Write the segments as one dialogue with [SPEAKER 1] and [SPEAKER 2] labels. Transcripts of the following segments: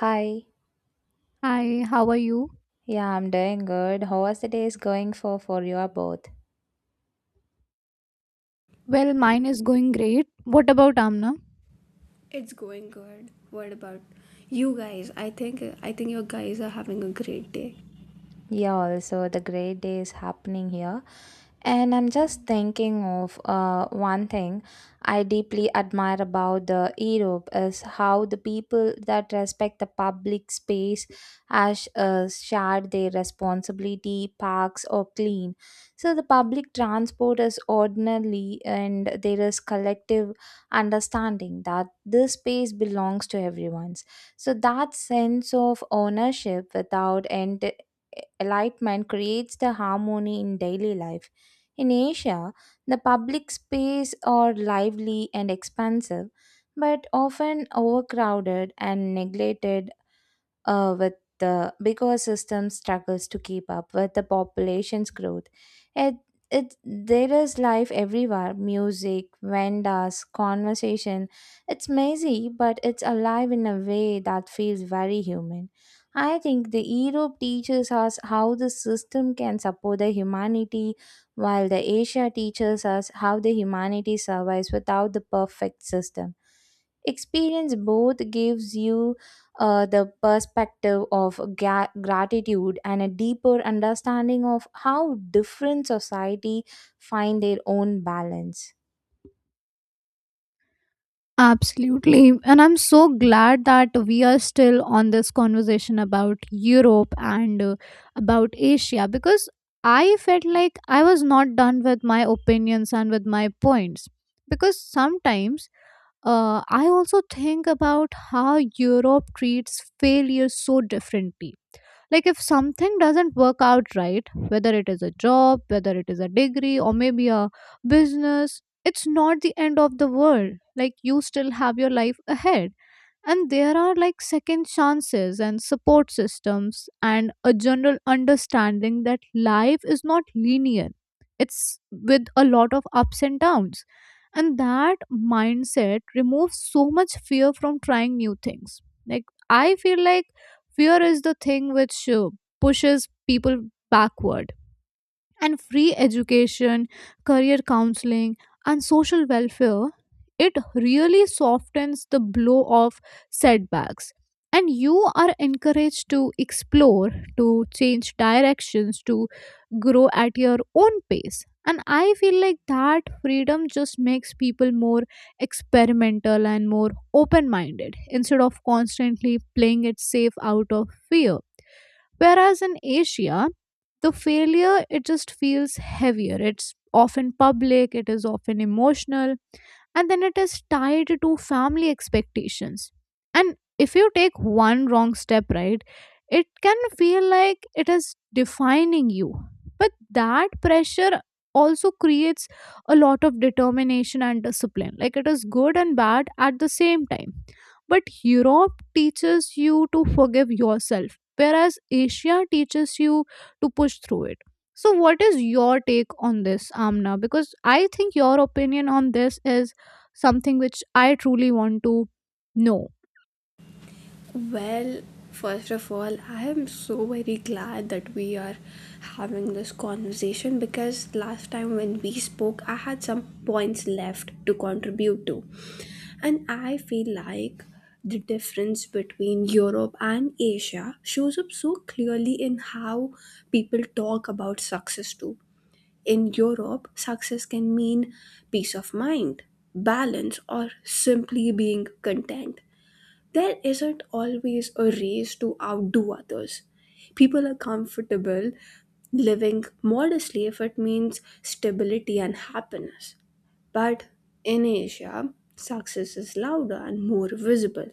[SPEAKER 1] Hi.
[SPEAKER 2] Hi, how are you?
[SPEAKER 1] Yeah, I'm doing good. How was the days going for you both?
[SPEAKER 2] Well, mine is going great. What about Amna?
[SPEAKER 3] It's going good. What about you guys? I think you guys are having a great day.
[SPEAKER 1] Yeah, also the great day is happening here. And I'm just thinking of one thing I deeply admire about the Europe is how the people that respect the public space as shared their responsibility, parks or clean. So the public transport is ordinarily and there is collective understanding that this space belongs to everyone's. So that sense of ownership without end enlightenment creates the harmony in daily life in Asia, the public space are lively and expansive, but often overcrowded and neglected with the big ecosystem struggles to keep up with the population's growth. It, it there is life everywhere: music, vendors, conversation. It's messy, but it's alive in a way that feels very human. I think the Europe teaches us how the system can support the humanity, while the Asia teaches us how the humanity survives without the perfect system experience both gives you the perspective of gratitude and a deeper understanding of how different society find their own balance.
[SPEAKER 2] Absolutely. And I'm so glad that we are still on this conversation about Europe and about Asia because I felt like I was not done with my opinions and with my points. Because sometimes I also think about how Europe treats failure so differently, like if something doesn't work out right, whether it is a job, whether it is a degree, or maybe a business, it's not the end of the world. Like you still have your life ahead and there are like second chances and support systems and a general understanding that life is not linear, it's with a lot of ups and downs. And that mindset removes so much fear from trying new things. Like I feel like fear is the thing which pushes people backward. And free education, career counseling, and social welfare, it really softens the blow of setbacks. And you are encouraged to explore, to change directions, to grow at your own pace. And I feel like that freedom just makes people more experimental and more open minded instead of constantly playing it safe out of fear. Whereas in Asia, the failure, it just feels heavier. It's often public, it is often emotional, and then it is tied to family expectations. And if you take one wrong step, right, it can feel like it is defining you. But that pressure also creates a lot of determination and discipline. Like it is good and bad at the same time. But Europe teaches you to forgive yourself, whereas Asia teaches you to push through it. So what is your take on this, Amna? Because I think your opinion on this is something which I truly want to know.
[SPEAKER 3] Well, first of all, I am so very glad that we are having this conversation because last time when we spoke, I had some points left to contribute to. And I feel like the difference between Europe and Asia shows up so clearly in how people talk about success too. In Europe, success can mean peace of mind, balance, or simply being content. There isn't always a race to outdo others. People are comfortable living modestly if it means stability and happiness. But in Asia, success is louder and more visible.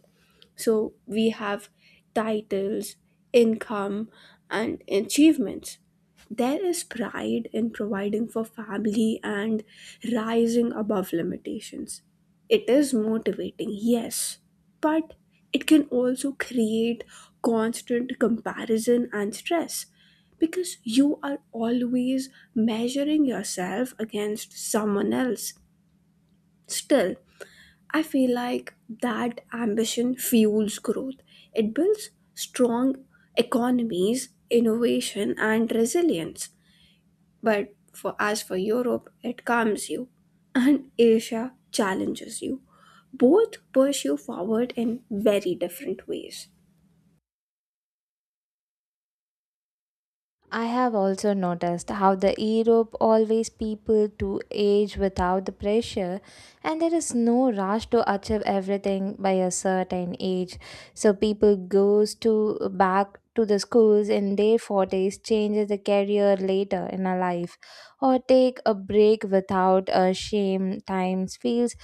[SPEAKER 3] So we have titles, income, and achievements. There is pride in providing for family and rising above limitations. It is motivating, yes, but it can also create constant comparison and stress because you are always measuring yourself against someone else. Still, I feel like that ambition fuels growth. It builds strong economies, innovation, and resilience. But for as for Europe, it calms you, and Asia challenges you. Both push you forward in very different ways.
[SPEAKER 1] I have also noticed how the Europe always people to age without the pressure, and there is no rush to achieve everything by a certain age. So people goes to back to the schools in their 40s, changes the career later in a life or take a break without a shame times feels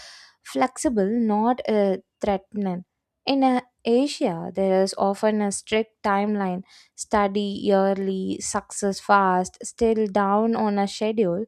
[SPEAKER 1] flexible, not threatening. In Asia, there is often a strict timeline study yearly, success fast, still down on a schedule,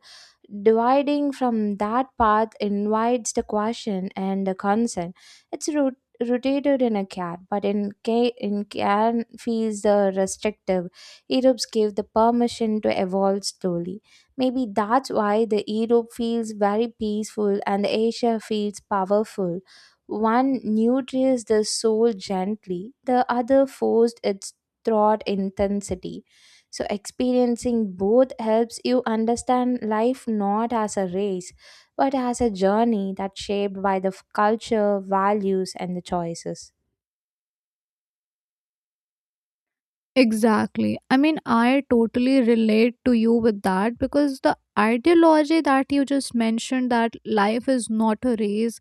[SPEAKER 1] dividing from that path invites the question and the concern. It's rotated in a cat, but in in can feels the restrictive. Europe give the permission to evolve slowly. Maybe that's why the Europe feels very peaceful and the Asia feels powerful. One nurtures the soul gently, the other forced it throughout intensity. So, experiencing both helps you understand life not as a race, but as a journey that's shaped by the culture, values, and the choices.
[SPEAKER 2] Exactly. I mean, I totally relate to you with that because the ideology that you just mentioned, that life is not a race,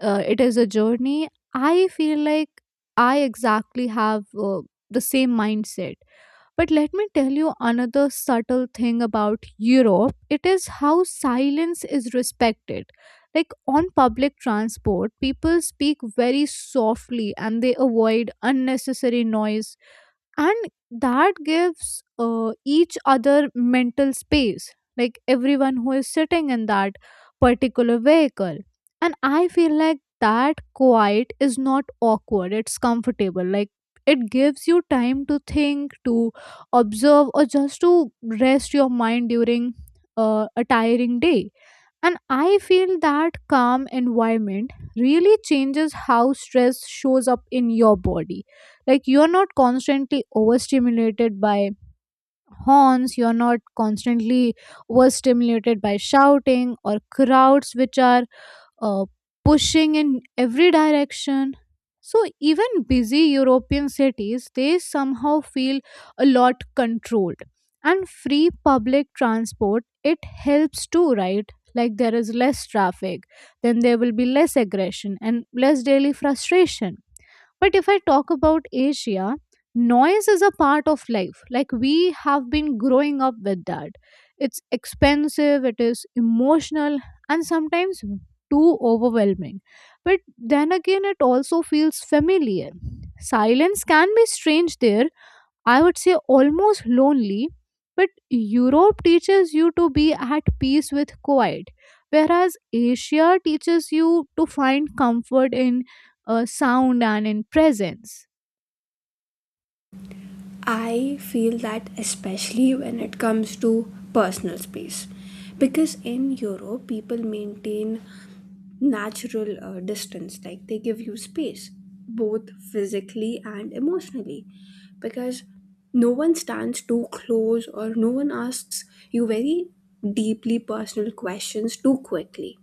[SPEAKER 2] it is a journey. I feel like I exactly have the same mindset. But let me tell you another subtle thing about Europe. It is how silence is respected. Like on public transport, people speak very softly and they avoid unnecessary noise, and that gives each other mental space, like everyone who is sitting in that particular vehicle. And I feel like that quiet is not awkward, it's comfortable. Like it gives you time to think, to observe, or just to rest your mind during a tiring day. And I feel that calm environment really changes how stress shows up in your body. Like you're not constantly overstimulated by horns, you're not constantly overstimulated by shouting or crowds which are uh, pushing in every direction. So even busy European cities, they somehow feel a lot controlled. And free public transport, it helps too, right? Like there is less traffic, then there will be less aggression and less daily frustration. But if I talk about Asia, noise is a part of life. Like we have been growing up with that. It's expensive, it is emotional, and sometimes too overwhelming. But then again, it also feels familiar. Silence can be strange there, I would say almost lonely. But Europe teaches you to be at peace with quiet, whereas Asia teaches you to find comfort in sound and in presence.
[SPEAKER 3] I feel that especially when it comes to personal space. Because in Europe, people maintain natural distance, like they give you space both physically and emotionally, because no one stands too close or no one asks you very deeply personal questions too quickly.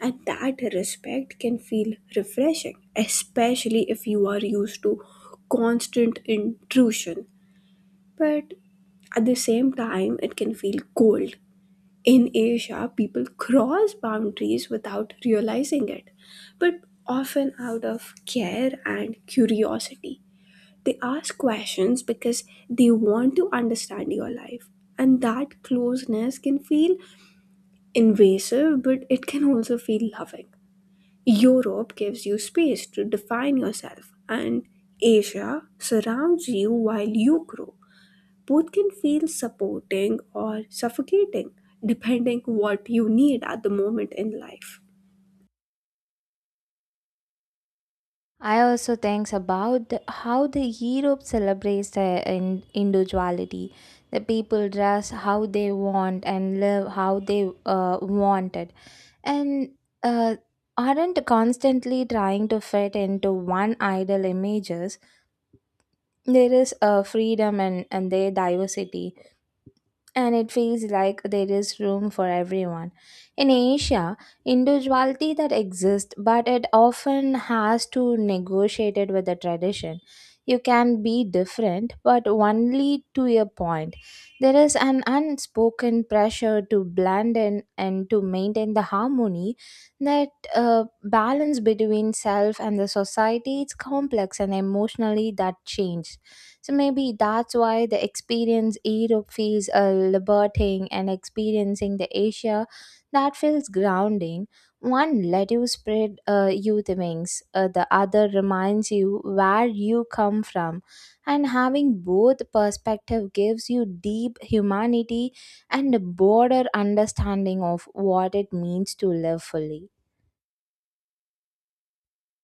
[SPEAKER 3] And that respect can feel refreshing, especially if you are used to constant intrusion. But at the same time, it can feel cold. In Asia, people cross boundaries without realizing it, but often out of care and curiosity. They ask questions because they want to understand your life, and that closeness can feel invasive, but it can also feel loving. Europe gives you space to define yourself, and Asia surrounds you while you grow. Both can feel supporting or suffocating depending what you need at the moment in life.
[SPEAKER 1] I also think about how the Europe celebrates their individuality. The people dress how they want and live how they uh, wanted, and uh, aren't constantly trying to fit into one idol images. There is a freedom and their diversity, and it feels like there is room for everyone in Asia. Individuality that exists, but it often has to negotiate it with the tradition. You can be different, but only to a point. There is an unspoken pressure to blend in and to maintain the harmony. That balance between self and the society is complex, and emotionally that change. So maybe that's why the experience Europe feels liberating and experiencing the Asia that feels grounding. One let you spread you the wings, the other reminds you where you come from. And having both perspective gives you deep humanity and a broader understanding of what it means to live fully.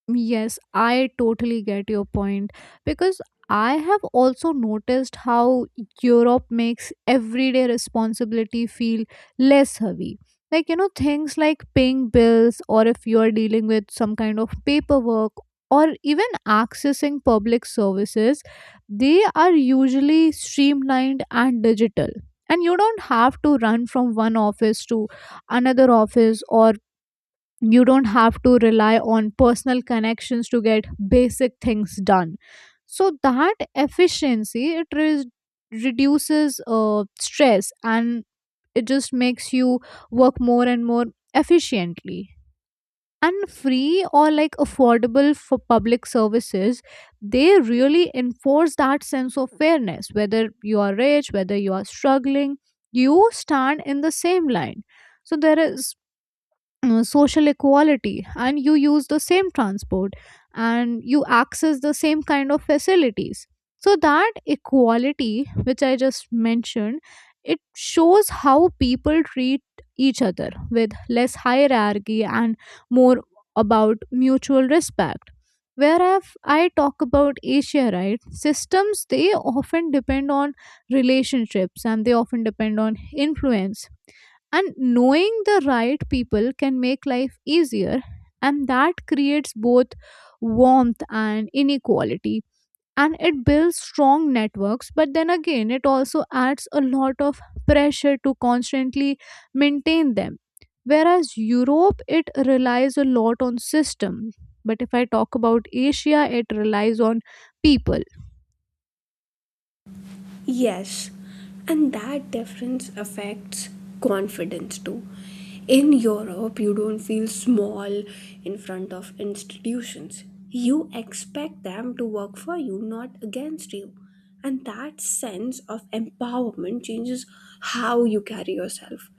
[SPEAKER 2] Yes, I totally get your point because I have also noticed how Europe makes everyday responsibility feel less heavy. Like, you know, things like paying bills, or if you are dealing with some kind of paperwork, or even accessing public services, they are usually streamlined and digital. And you don't have to run from one office to another office, or you don't have to rely on personal connections to get basic things done. So that efficiency, it reduces stress, and it just makes you work more and more efficiently. And free or like affordable for public services, they really enforce that sense of fairness. Whether you are rich, whether you are struggling, you stand in the same line. So there is social equality, and you use the same transport, and you access the same kind of facilities. So that equality which I just mentioned, it shows how people treat each other with less hierarchy and more about mutual respect. Whereas I talk about Asia, right, systems, they often depend on relationships and they often depend on influence. And knowing the right people can make life easier, and that creates both warmth and inequality. And it builds strong networks, but then again, it also adds a lot of pressure to constantly maintain them. Whereas Europe, it relies a lot on system. But if I talk about Asia, it relies on people.
[SPEAKER 3] Yes, and that difference affects confidence too. In Europe, you don't feel small in front of institutions. You expect them to work for you, not against you, and that sense of empowerment changes how you carry yourself.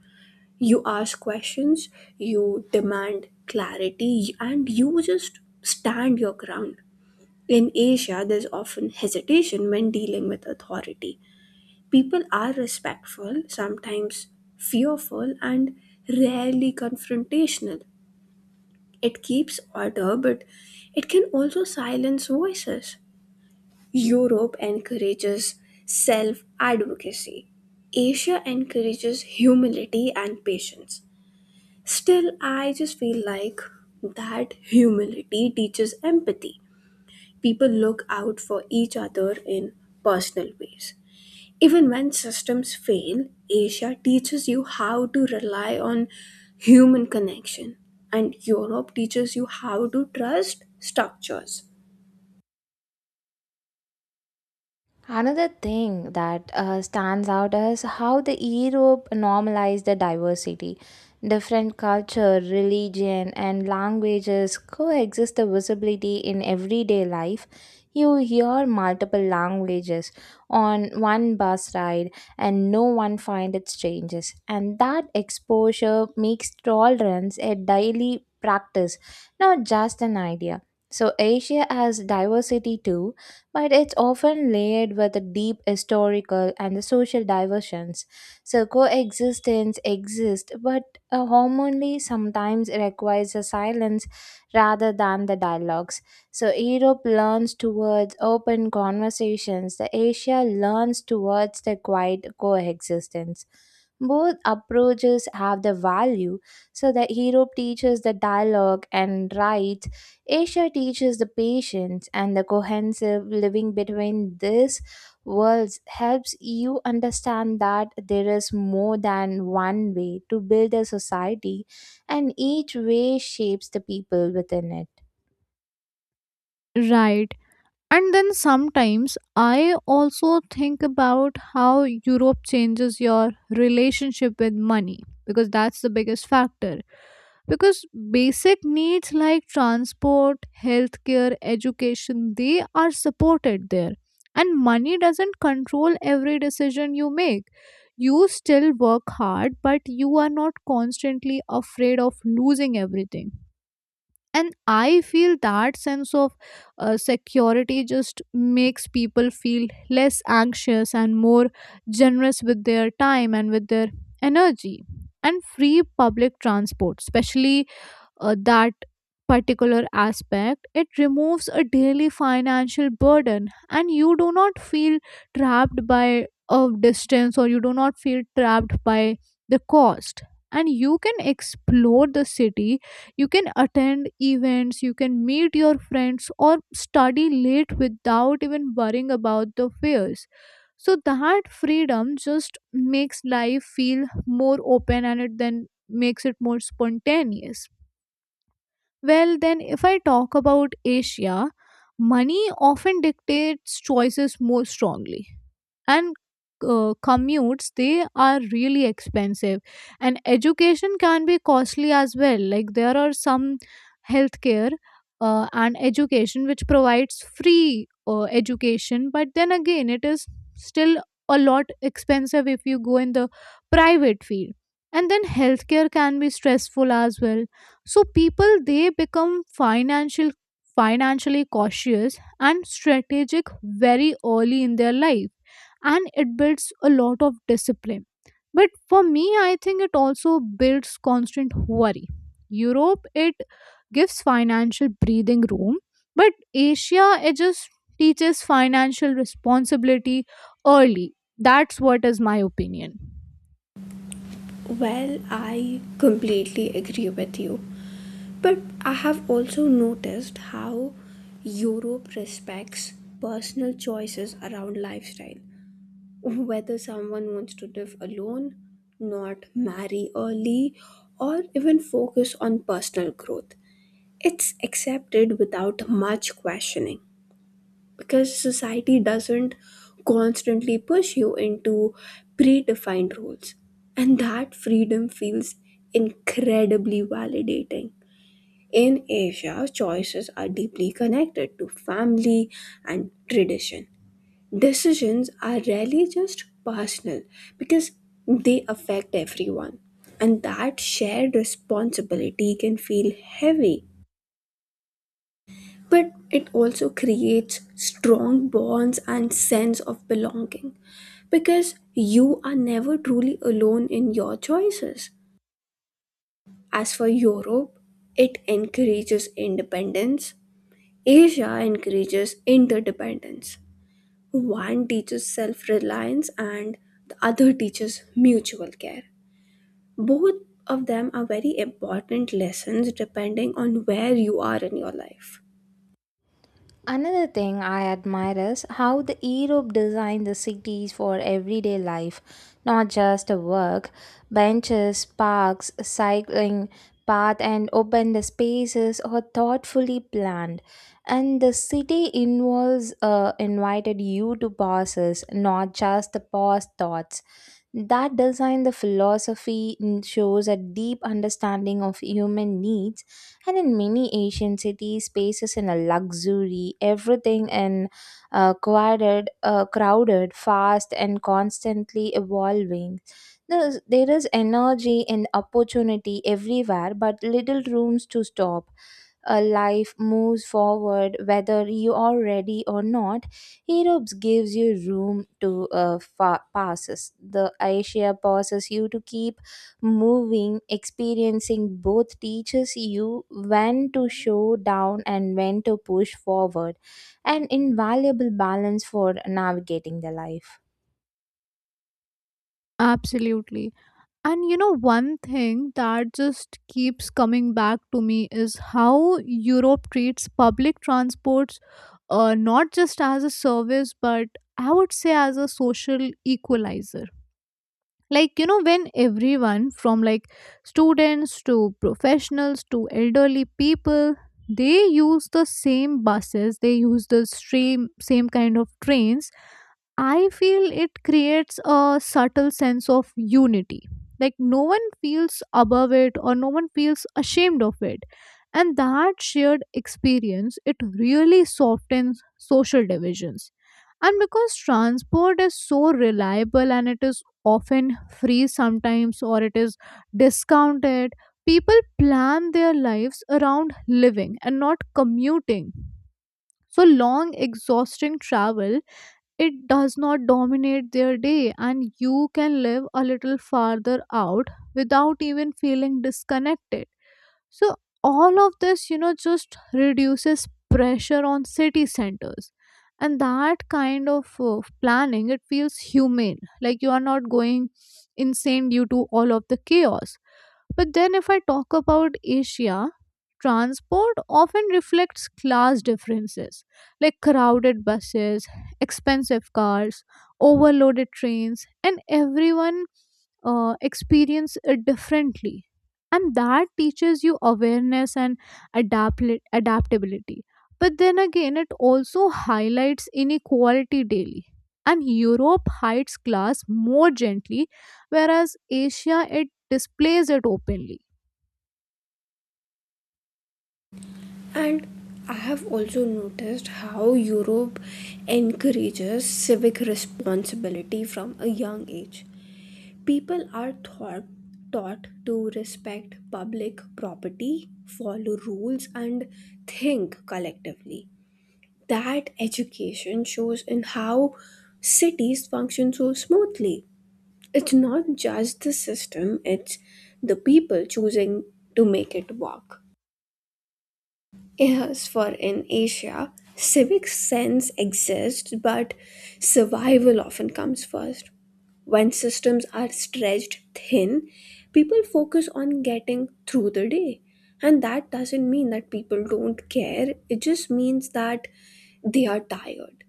[SPEAKER 3] You ask questions, you demand clarity, and you just stand your ground. In Asia, there's often hesitation when dealing with authority. People are respectful, sometimes fearful, and rarely confrontational. It keeps order, but it can also silence voices. Europe encourages self advocacy. Asia encourages humility and patience. Still, I just feel like that humility teaches empathy. People look out for each other in personal ways. Even when systems fail, Asia teaches you how to rely on human connection, and Europe teaches you how to trust structures.
[SPEAKER 1] Another thing that stands out is how the Europe normalized the diversity. Different culture, religion, and languages coexist the visibility in everyday life. You hear multiple languages on one bus ride, and no one finds it strangers. And that exposure makes tolerance a daily practice, not just an idea. So Asia has diversity too, but it's often layered with the deep historical and the social diversions. So coexistence exists, but hormonally sometimes it requires a silence rather than the dialogues. So Europe learns towards open conversations, the Asia learns towards the quiet coexistence. Both approaches have their value. So the Europe teaches the dialogue and rights, Asia teaches the patience and the cohesive living between these worlds helps you understand that there is more than one way to build a society, and each way shapes the people within it.
[SPEAKER 2] Right. And then sometimes I also think about how Europe changes your relationship with money, because that's the biggest factor. Because basic needs like transport, healthcare, education, they are supported there. And money doesn't control every decision you make. You still work hard, but you are not constantly afraid of losing everything. And I feel that sense of security just makes people feel less anxious and more generous with their time and with their energy. And free public transport especially, that particular aspect, it removes a daily financial burden, and you do not feel trapped by a distance, or you do not feel trapped by the cost. And you can explore the city, you can attend events, you can meet your friends, or study late without even worrying about the fares. So that freedom just makes life feel more open and it then makes it more spontaneous. Well, then, if I talk about Asia, money often dictates choices more strongly. And commutes, they are really expensive, and education can be costly as well. Like there are some healthcare and education which provides free education, but then again, it is still a lot expensive if you go in the private field. And then healthcare can be stressful as well. So people, they become financially cautious and strategic very early in their life, and it builds a lot of discipline. But for me, I think it also builds constant worry. Europe, it gives financial breathing room, but Asia, it just teaches financial responsibility early. That's what is my opinion.
[SPEAKER 3] Well, I completely agree with you. But I have also noticed how Europe respects personal choices around lifestyle, whether someone wants to live alone, not marry early, or even focus on personal growth. It's accepted without much questioning because society doesn't constantly push you into predefined rules. And that freedom feels incredibly validating. In Asia, choices are deeply connected to family and tradition. Decisions are rarely just personal because they affect everyone, and that shared responsibility can feel heavy. But it also creates strong bonds and sense of belonging because you are never truly alone in your choices. As for Europe, it encourages independence. Asia encourages interdependence. One teaches self reliance and the other teaches mutual care. Both of them are very important lessons depending on where you are in your life.
[SPEAKER 1] Another thing I admire is how the Europe designed the cities for everyday life, not just work, benches, parks, cycling path and open spaces are thoughtfully planned, and the city involves invited you to pauses not just the pause thoughts. That design, the philosophy mm, shows a deep understanding of human needs, and in many Asian cities, spaces in a luxury, everything in crowded, fast, and constantly evolving. There is energy and opportunity everywhere, but little rooms to stop life moves forward whether you are ready or not. Europe gives you room to passes the Asia passes you to keep moving experiencing both teaches you when to show down and when to push forward, an invaluable balance for navigating the life.
[SPEAKER 2] Absolutely. And you know, one thing that just keeps coming back to me is how Europe treats public transports not just as a service, but I would say as a social equalizer. Like, you know, when everyone from like students to professionals to elderly people, they use the same buses, they use the same kind of trains, I feel it creates a subtle sense of unity. Like no one feels above it or no one feels ashamed of it. And that shared experience, it really softens social divisions. And because transport is so reliable and it is often free sometimes or it is discounted, people plan their lives around living and not commuting. So long, exhausting travel, it does not dominate their day, and you can live a little farther out without even feeling disconnected. So all of this, you know, just reduces pressure on city centers. And that kind of planning, it feels humane. Like you are not going insane due to all of the chaos. But then, if I talk about Asia, transport often reflects class differences, like crowded buses, expensive cars, overloaded trains, and everyone experience it differently. And that teaches you awareness and adapt adaptability. But then again, it also highlights inequality daily. And Europe hides class more gently, whereas Asia, it displays it openly.
[SPEAKER 3] And I have also noticed how Europe encourages civic responsibility from a young age. People are taught to respect public property, follow rules, and think collectively. That education shows in how cities function so smoothly. It's not just the system, it's the people choosing to make it work. Yes, for in Asia, civic sense exists, but survival often comes first. When systems are stretched thin, people focus on getting through the day. And that doesn't mean that people don't care, it just means that they are tired.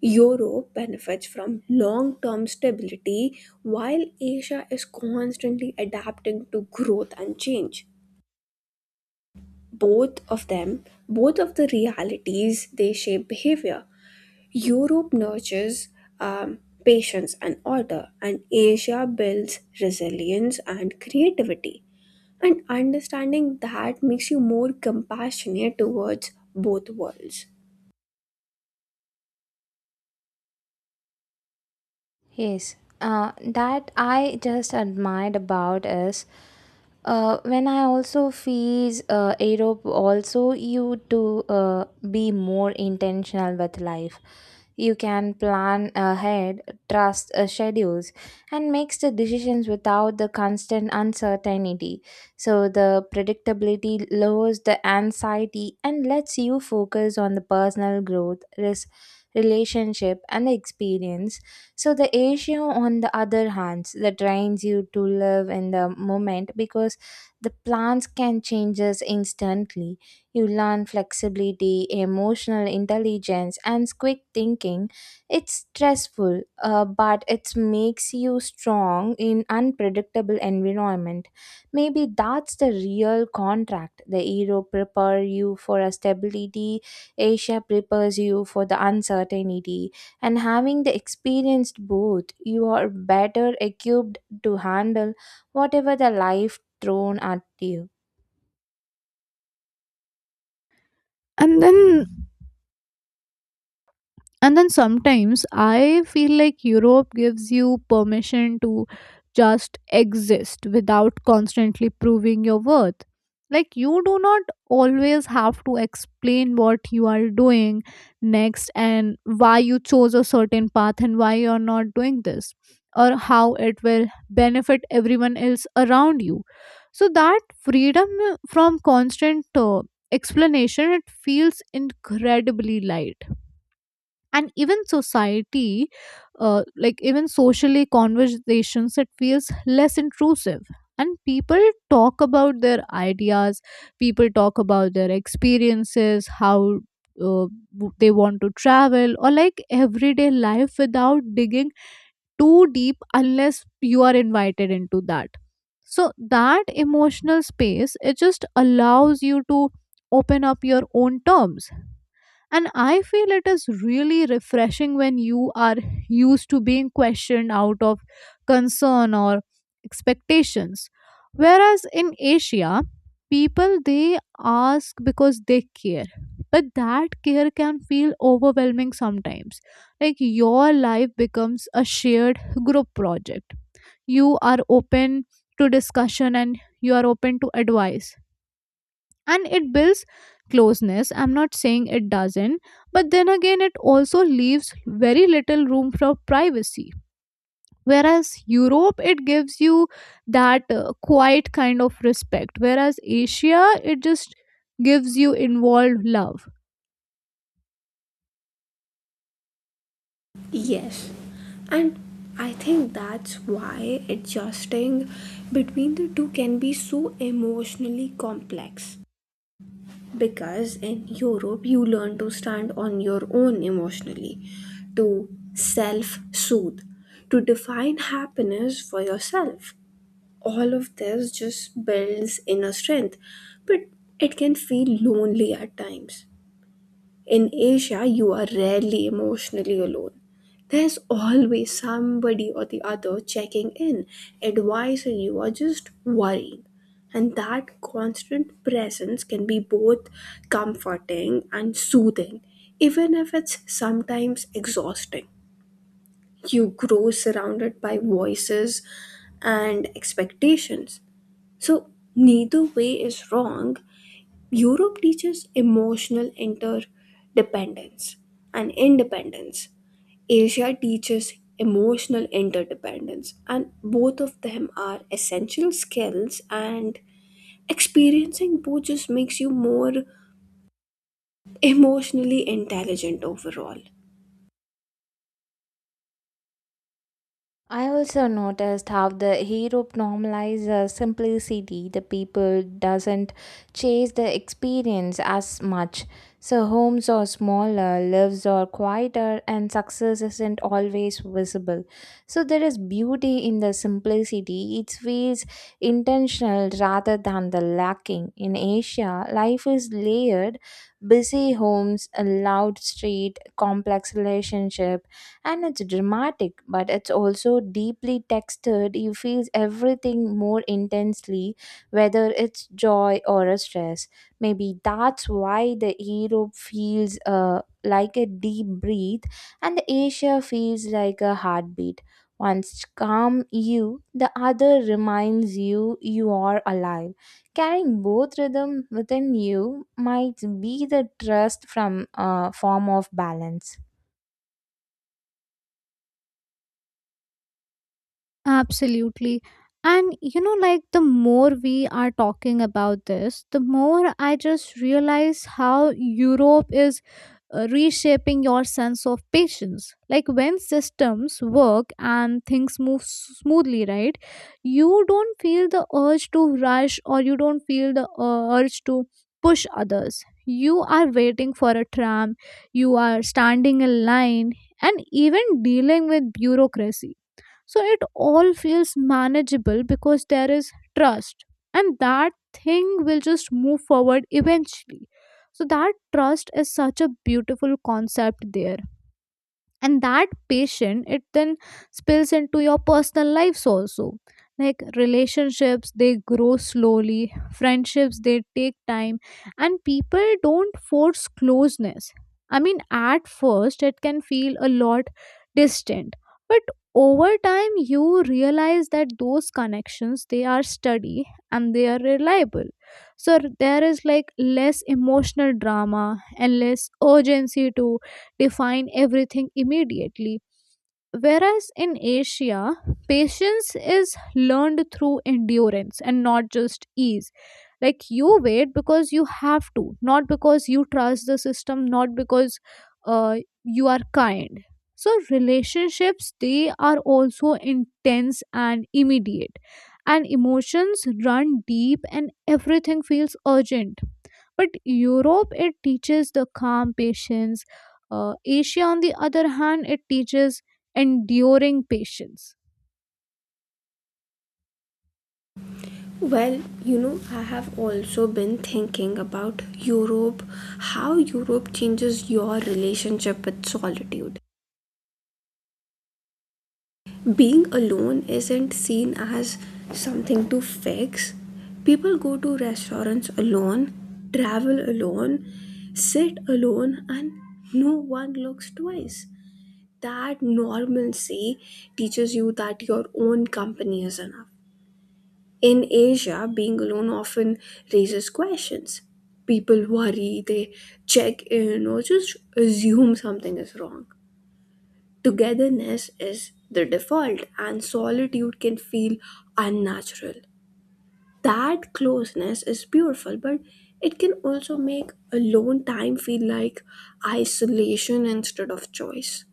[SPEAKER 3] Europe benefits from long term stability while Asia is constantly adapting to growth and change. Both of them, both of the realities, they shape behavior. Europe nurtures um, patience and order, and Asia builds resilience and creativity. And understanding that makes you more compassionate towards both worlds.
[SPEAKER 1] Yes, that I just admired about is when I also fees Europe also you to be more intentional with life. You can plan ahead, trust schedules, and makes the decisions without the constant uncertainty. So the predictability lowers the anxiety and lets you focus on the personal growth, risk, relationship, and the experience. So the Asia, on the other hand, that trains you to live in the moment because the plans can changes instantly. You learn flexibility, emotional intelligence, and quick thinking. It's stressful, but it makes you strong in unpredictable environment. Maybe that's the real contract. The Europe prepare you for a stability, Asia prepares you for the uncertainty. And having the experienced both, you are better equipped to handle whatever the life thrown at you.
[SPEAKER 2] And then and then sometimes I feel like Europe gives you permission to just exist without constantly proving your worth. Like you do not always have to explain what you are doing next, and why you chose a certain path, and why you are not doing this, or how it will benefit everyone else around you. So that freedom from constant explanation, it feels incredibly light. And even society like even socially conversations, it feels less intrusive. And people talk about their ideas, people talk about their experiences, how they want to travel, or like everyday life without digging too deep unless you are invited into that. So that emotional space, it just allows you to open up your own terms. And I feel it is really refreshing when you are used to being questioned out of concern or expectations. Whereas in Asia, people, they ask because they care. But that care can feel overwhelming sometimes. Like your life becomes a shared group project. You are open to discussion and you are open to advice, and it builds closeness. I'm not saying it doesn't, but then again, it also leaves very little room for privacy. Whereas Europe, it gives you that quiet kind of respect, whereas Asia, it just gives you involved love.
[SPEAKER 3] Yes, and I think that's why adjusting between the two can be so emotionally complex. Because in Europe, you learn to stand on your own emotionally, to self soothe, to define happiness for yourself. All of this just builds inner strength, but it can feel lonely at times. In Asia, you are rarely emotionally alone. There's always somebody or the other checking in, advising you, or just worrying. And that constant presence can be both comforting and soothing, even if it's sometimes exhausting. You grow surrounded by voices and expectations. So, neither way is wrong. Europe teaches emotional interdependence and independence. Asia teaches emotional interdependence, and both of them are essential skills. And experiencing both just makes you more emotionally intelligent overall.
[SPEAKER 1] I also noticed how the Europe normalizes simplicity. The people doesn't chase the experience as much. So homes are smaller, lives are quieter, and success isn't always visible. So there is beauty in the simplicity. It feels intentional rather than the lacking. In Asia, life is layered, busy homes, a loud street, complex relationship, and it's dramatic, but it's also deeply textured. You feel everything more intensely whether it's joy or a stress. Maybe that's why the Europe feels like a deep breath and the Asia feels like a heartbeat. Once calm you the other reminds you you are alive. Carrying both rhythm within you might be the trust from a form of balance.
[SPEAKER 2] Absolutely. And you know, like the more we are talking about this, the more I just realize how Europe is reshaping your sense of patience. Like when systems work and things move smoothly, right? You don't feel the urge to rush, or you don't feel the urge to push others. You are waiting for a tram, you are standing in line, and even dealing with bureaucracy, so it all feels manageable because there is trust, and that thing will just move forward eventually. So that trust is such a beautiful concept there. And that passion, it then spills into your personal lives also. Like relationships, they grow slowly, friendships, they take time, and people don't force closeness. I mean, at first it can feel a lot distant, but over time you realize that those connections, they are steady and they are reliable. So there is like less emotional drama and less urgency to define everything immediately. Whereas in Asia, patience is learned through endurance and not just ease. Like you wait because you have to, not because you trust the system, not because uh, you are kind. So, relationships, they are also intense and immediate, and emotions run deep, and everything feels urgent. But Europe, it teaches the calm patience, Asia, on the other hand, it teaches enduring patience.
[SPEAKER 3] Well, you know, I have also been thinking about Europe, how Europe changes your relationship with solitude. Being alone isn't seen as something to fix. People go to restaurants alone, travel alone, sit alone, and no one looks twice. That normalcy teaches you that your own company is enough. In Asia, being alone often raises questions. People worry, they check in, or just assume something is wrong. Togetherness is the default, and solitude can feel unnatural. That closeness is beautiful, but it can also make alone time feel like isolation instead of choice.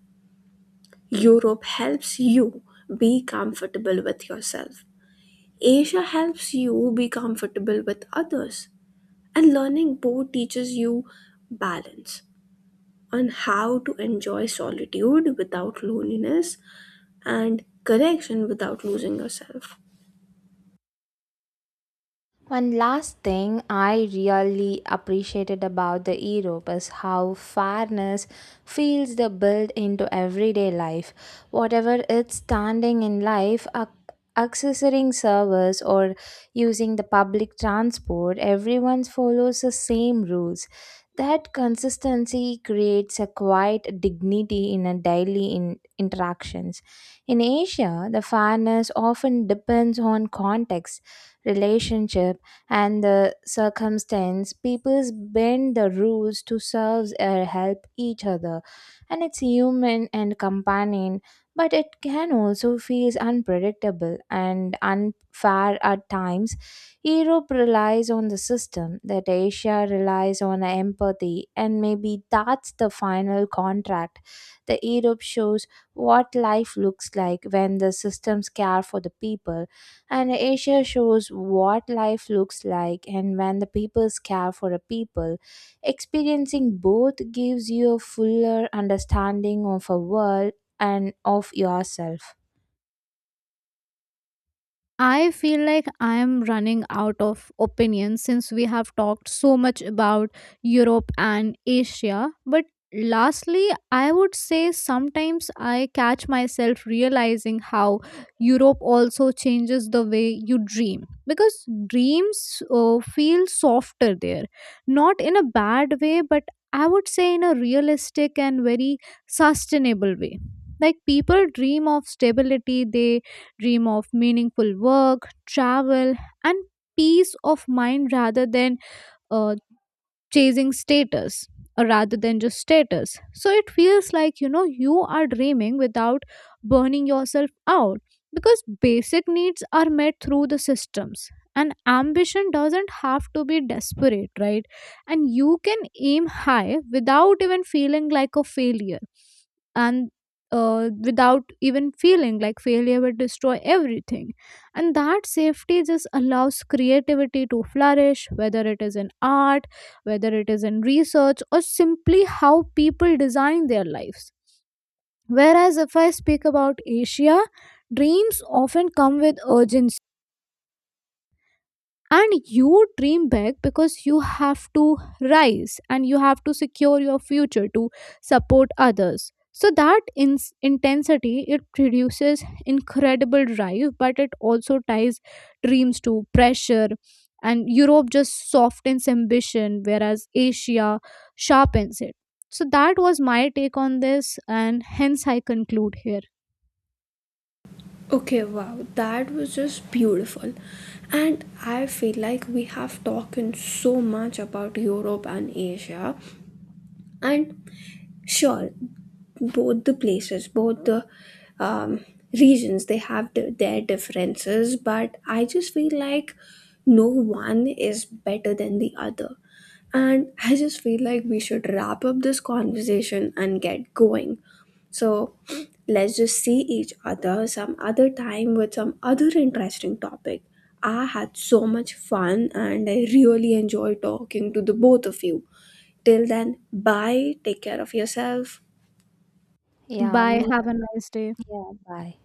[SPEAKER 3] Europe helps you be comfortable with yourself. Asia helps you be comfortable with others. And learning both teaches you balance, on how to enjoy solitude without loneliness and connection without losing yourself.
[SPEAKER 1] One last thing I really appreciated about the Europe is how fairness feels the build into everyday life. Whatever it's standing in life, accessing service or using the public transport, everyone follows the same rules. That consistency creates a quiet dignity in a daily interactions. In Asia, the fairness often depends on context, relationship and the circumstance, people bend the rules to serve or help each other. And it's human and companion, but it can also feel unpredictable and unfair at times. Europe relies on the system, that Asia relies on empathy, and maybe that's the final contract. The Europe shows what life looks like when the systems care for the people, and Asia shows what life looks like, and when the peoples care for a people, experiencing both gives you a fuller understanding of a world and of yourself.
[SPEAKER 2] I feel like I am running out of opinions since we have talked so much about Europe and Asia. But lastly, I would say sometimes I catch myself realizing how Europe also changes the way you dream, because dreams feel softer there, not in a bad way, but I would say in a realistic and very sustainable way. Like people dream of stability, they dream of meaningful work, travel, and peace of mind rather than uh, chasing status, or rather than just status. So it feels like, you know, you are dreaming without burning yourself out, because basic needs are met through the systems, and ambition doesn't have to be desperate, right? And you can aim high without even feeling like a failure, and without even feeling like failure will destroy everything. And that safety just allows creativity to flourish, whether it is in art, whether it is in research, or simply how people design their lives. Whereas if I speak about Asia, dreams often come with urgency, and you dream big because you have to rise and you have to secure your future to support others. So that intensity, it produces incredible drive, but it also ties dreams to pressure. And Europe just softens ambition, whereas Asia sharpens it. So that was my take on this, and hence I conclude here.
[SPEAKER 3] Okay, wow, that was just beautiful. And I feel like we have talked so much about Europe and Asia, and sure, both the places, both the um, regions, they have the, their differences, but I just feel like no one is better than the other. And I just feel like we should wrap up this conversation and get going. So let's just see each other some other time with some other interesting topic. I had so much fun and I really enjoyed talking to the both of you. Till then, bye, take care of yourself.
[SPEAKER 1] Yeah,
[SPEAKER 2] Bye,
[SPEAKER 1] me.
[SPEAKER 2] have a nice day.
[SPEAKER 1] Yeah, bye.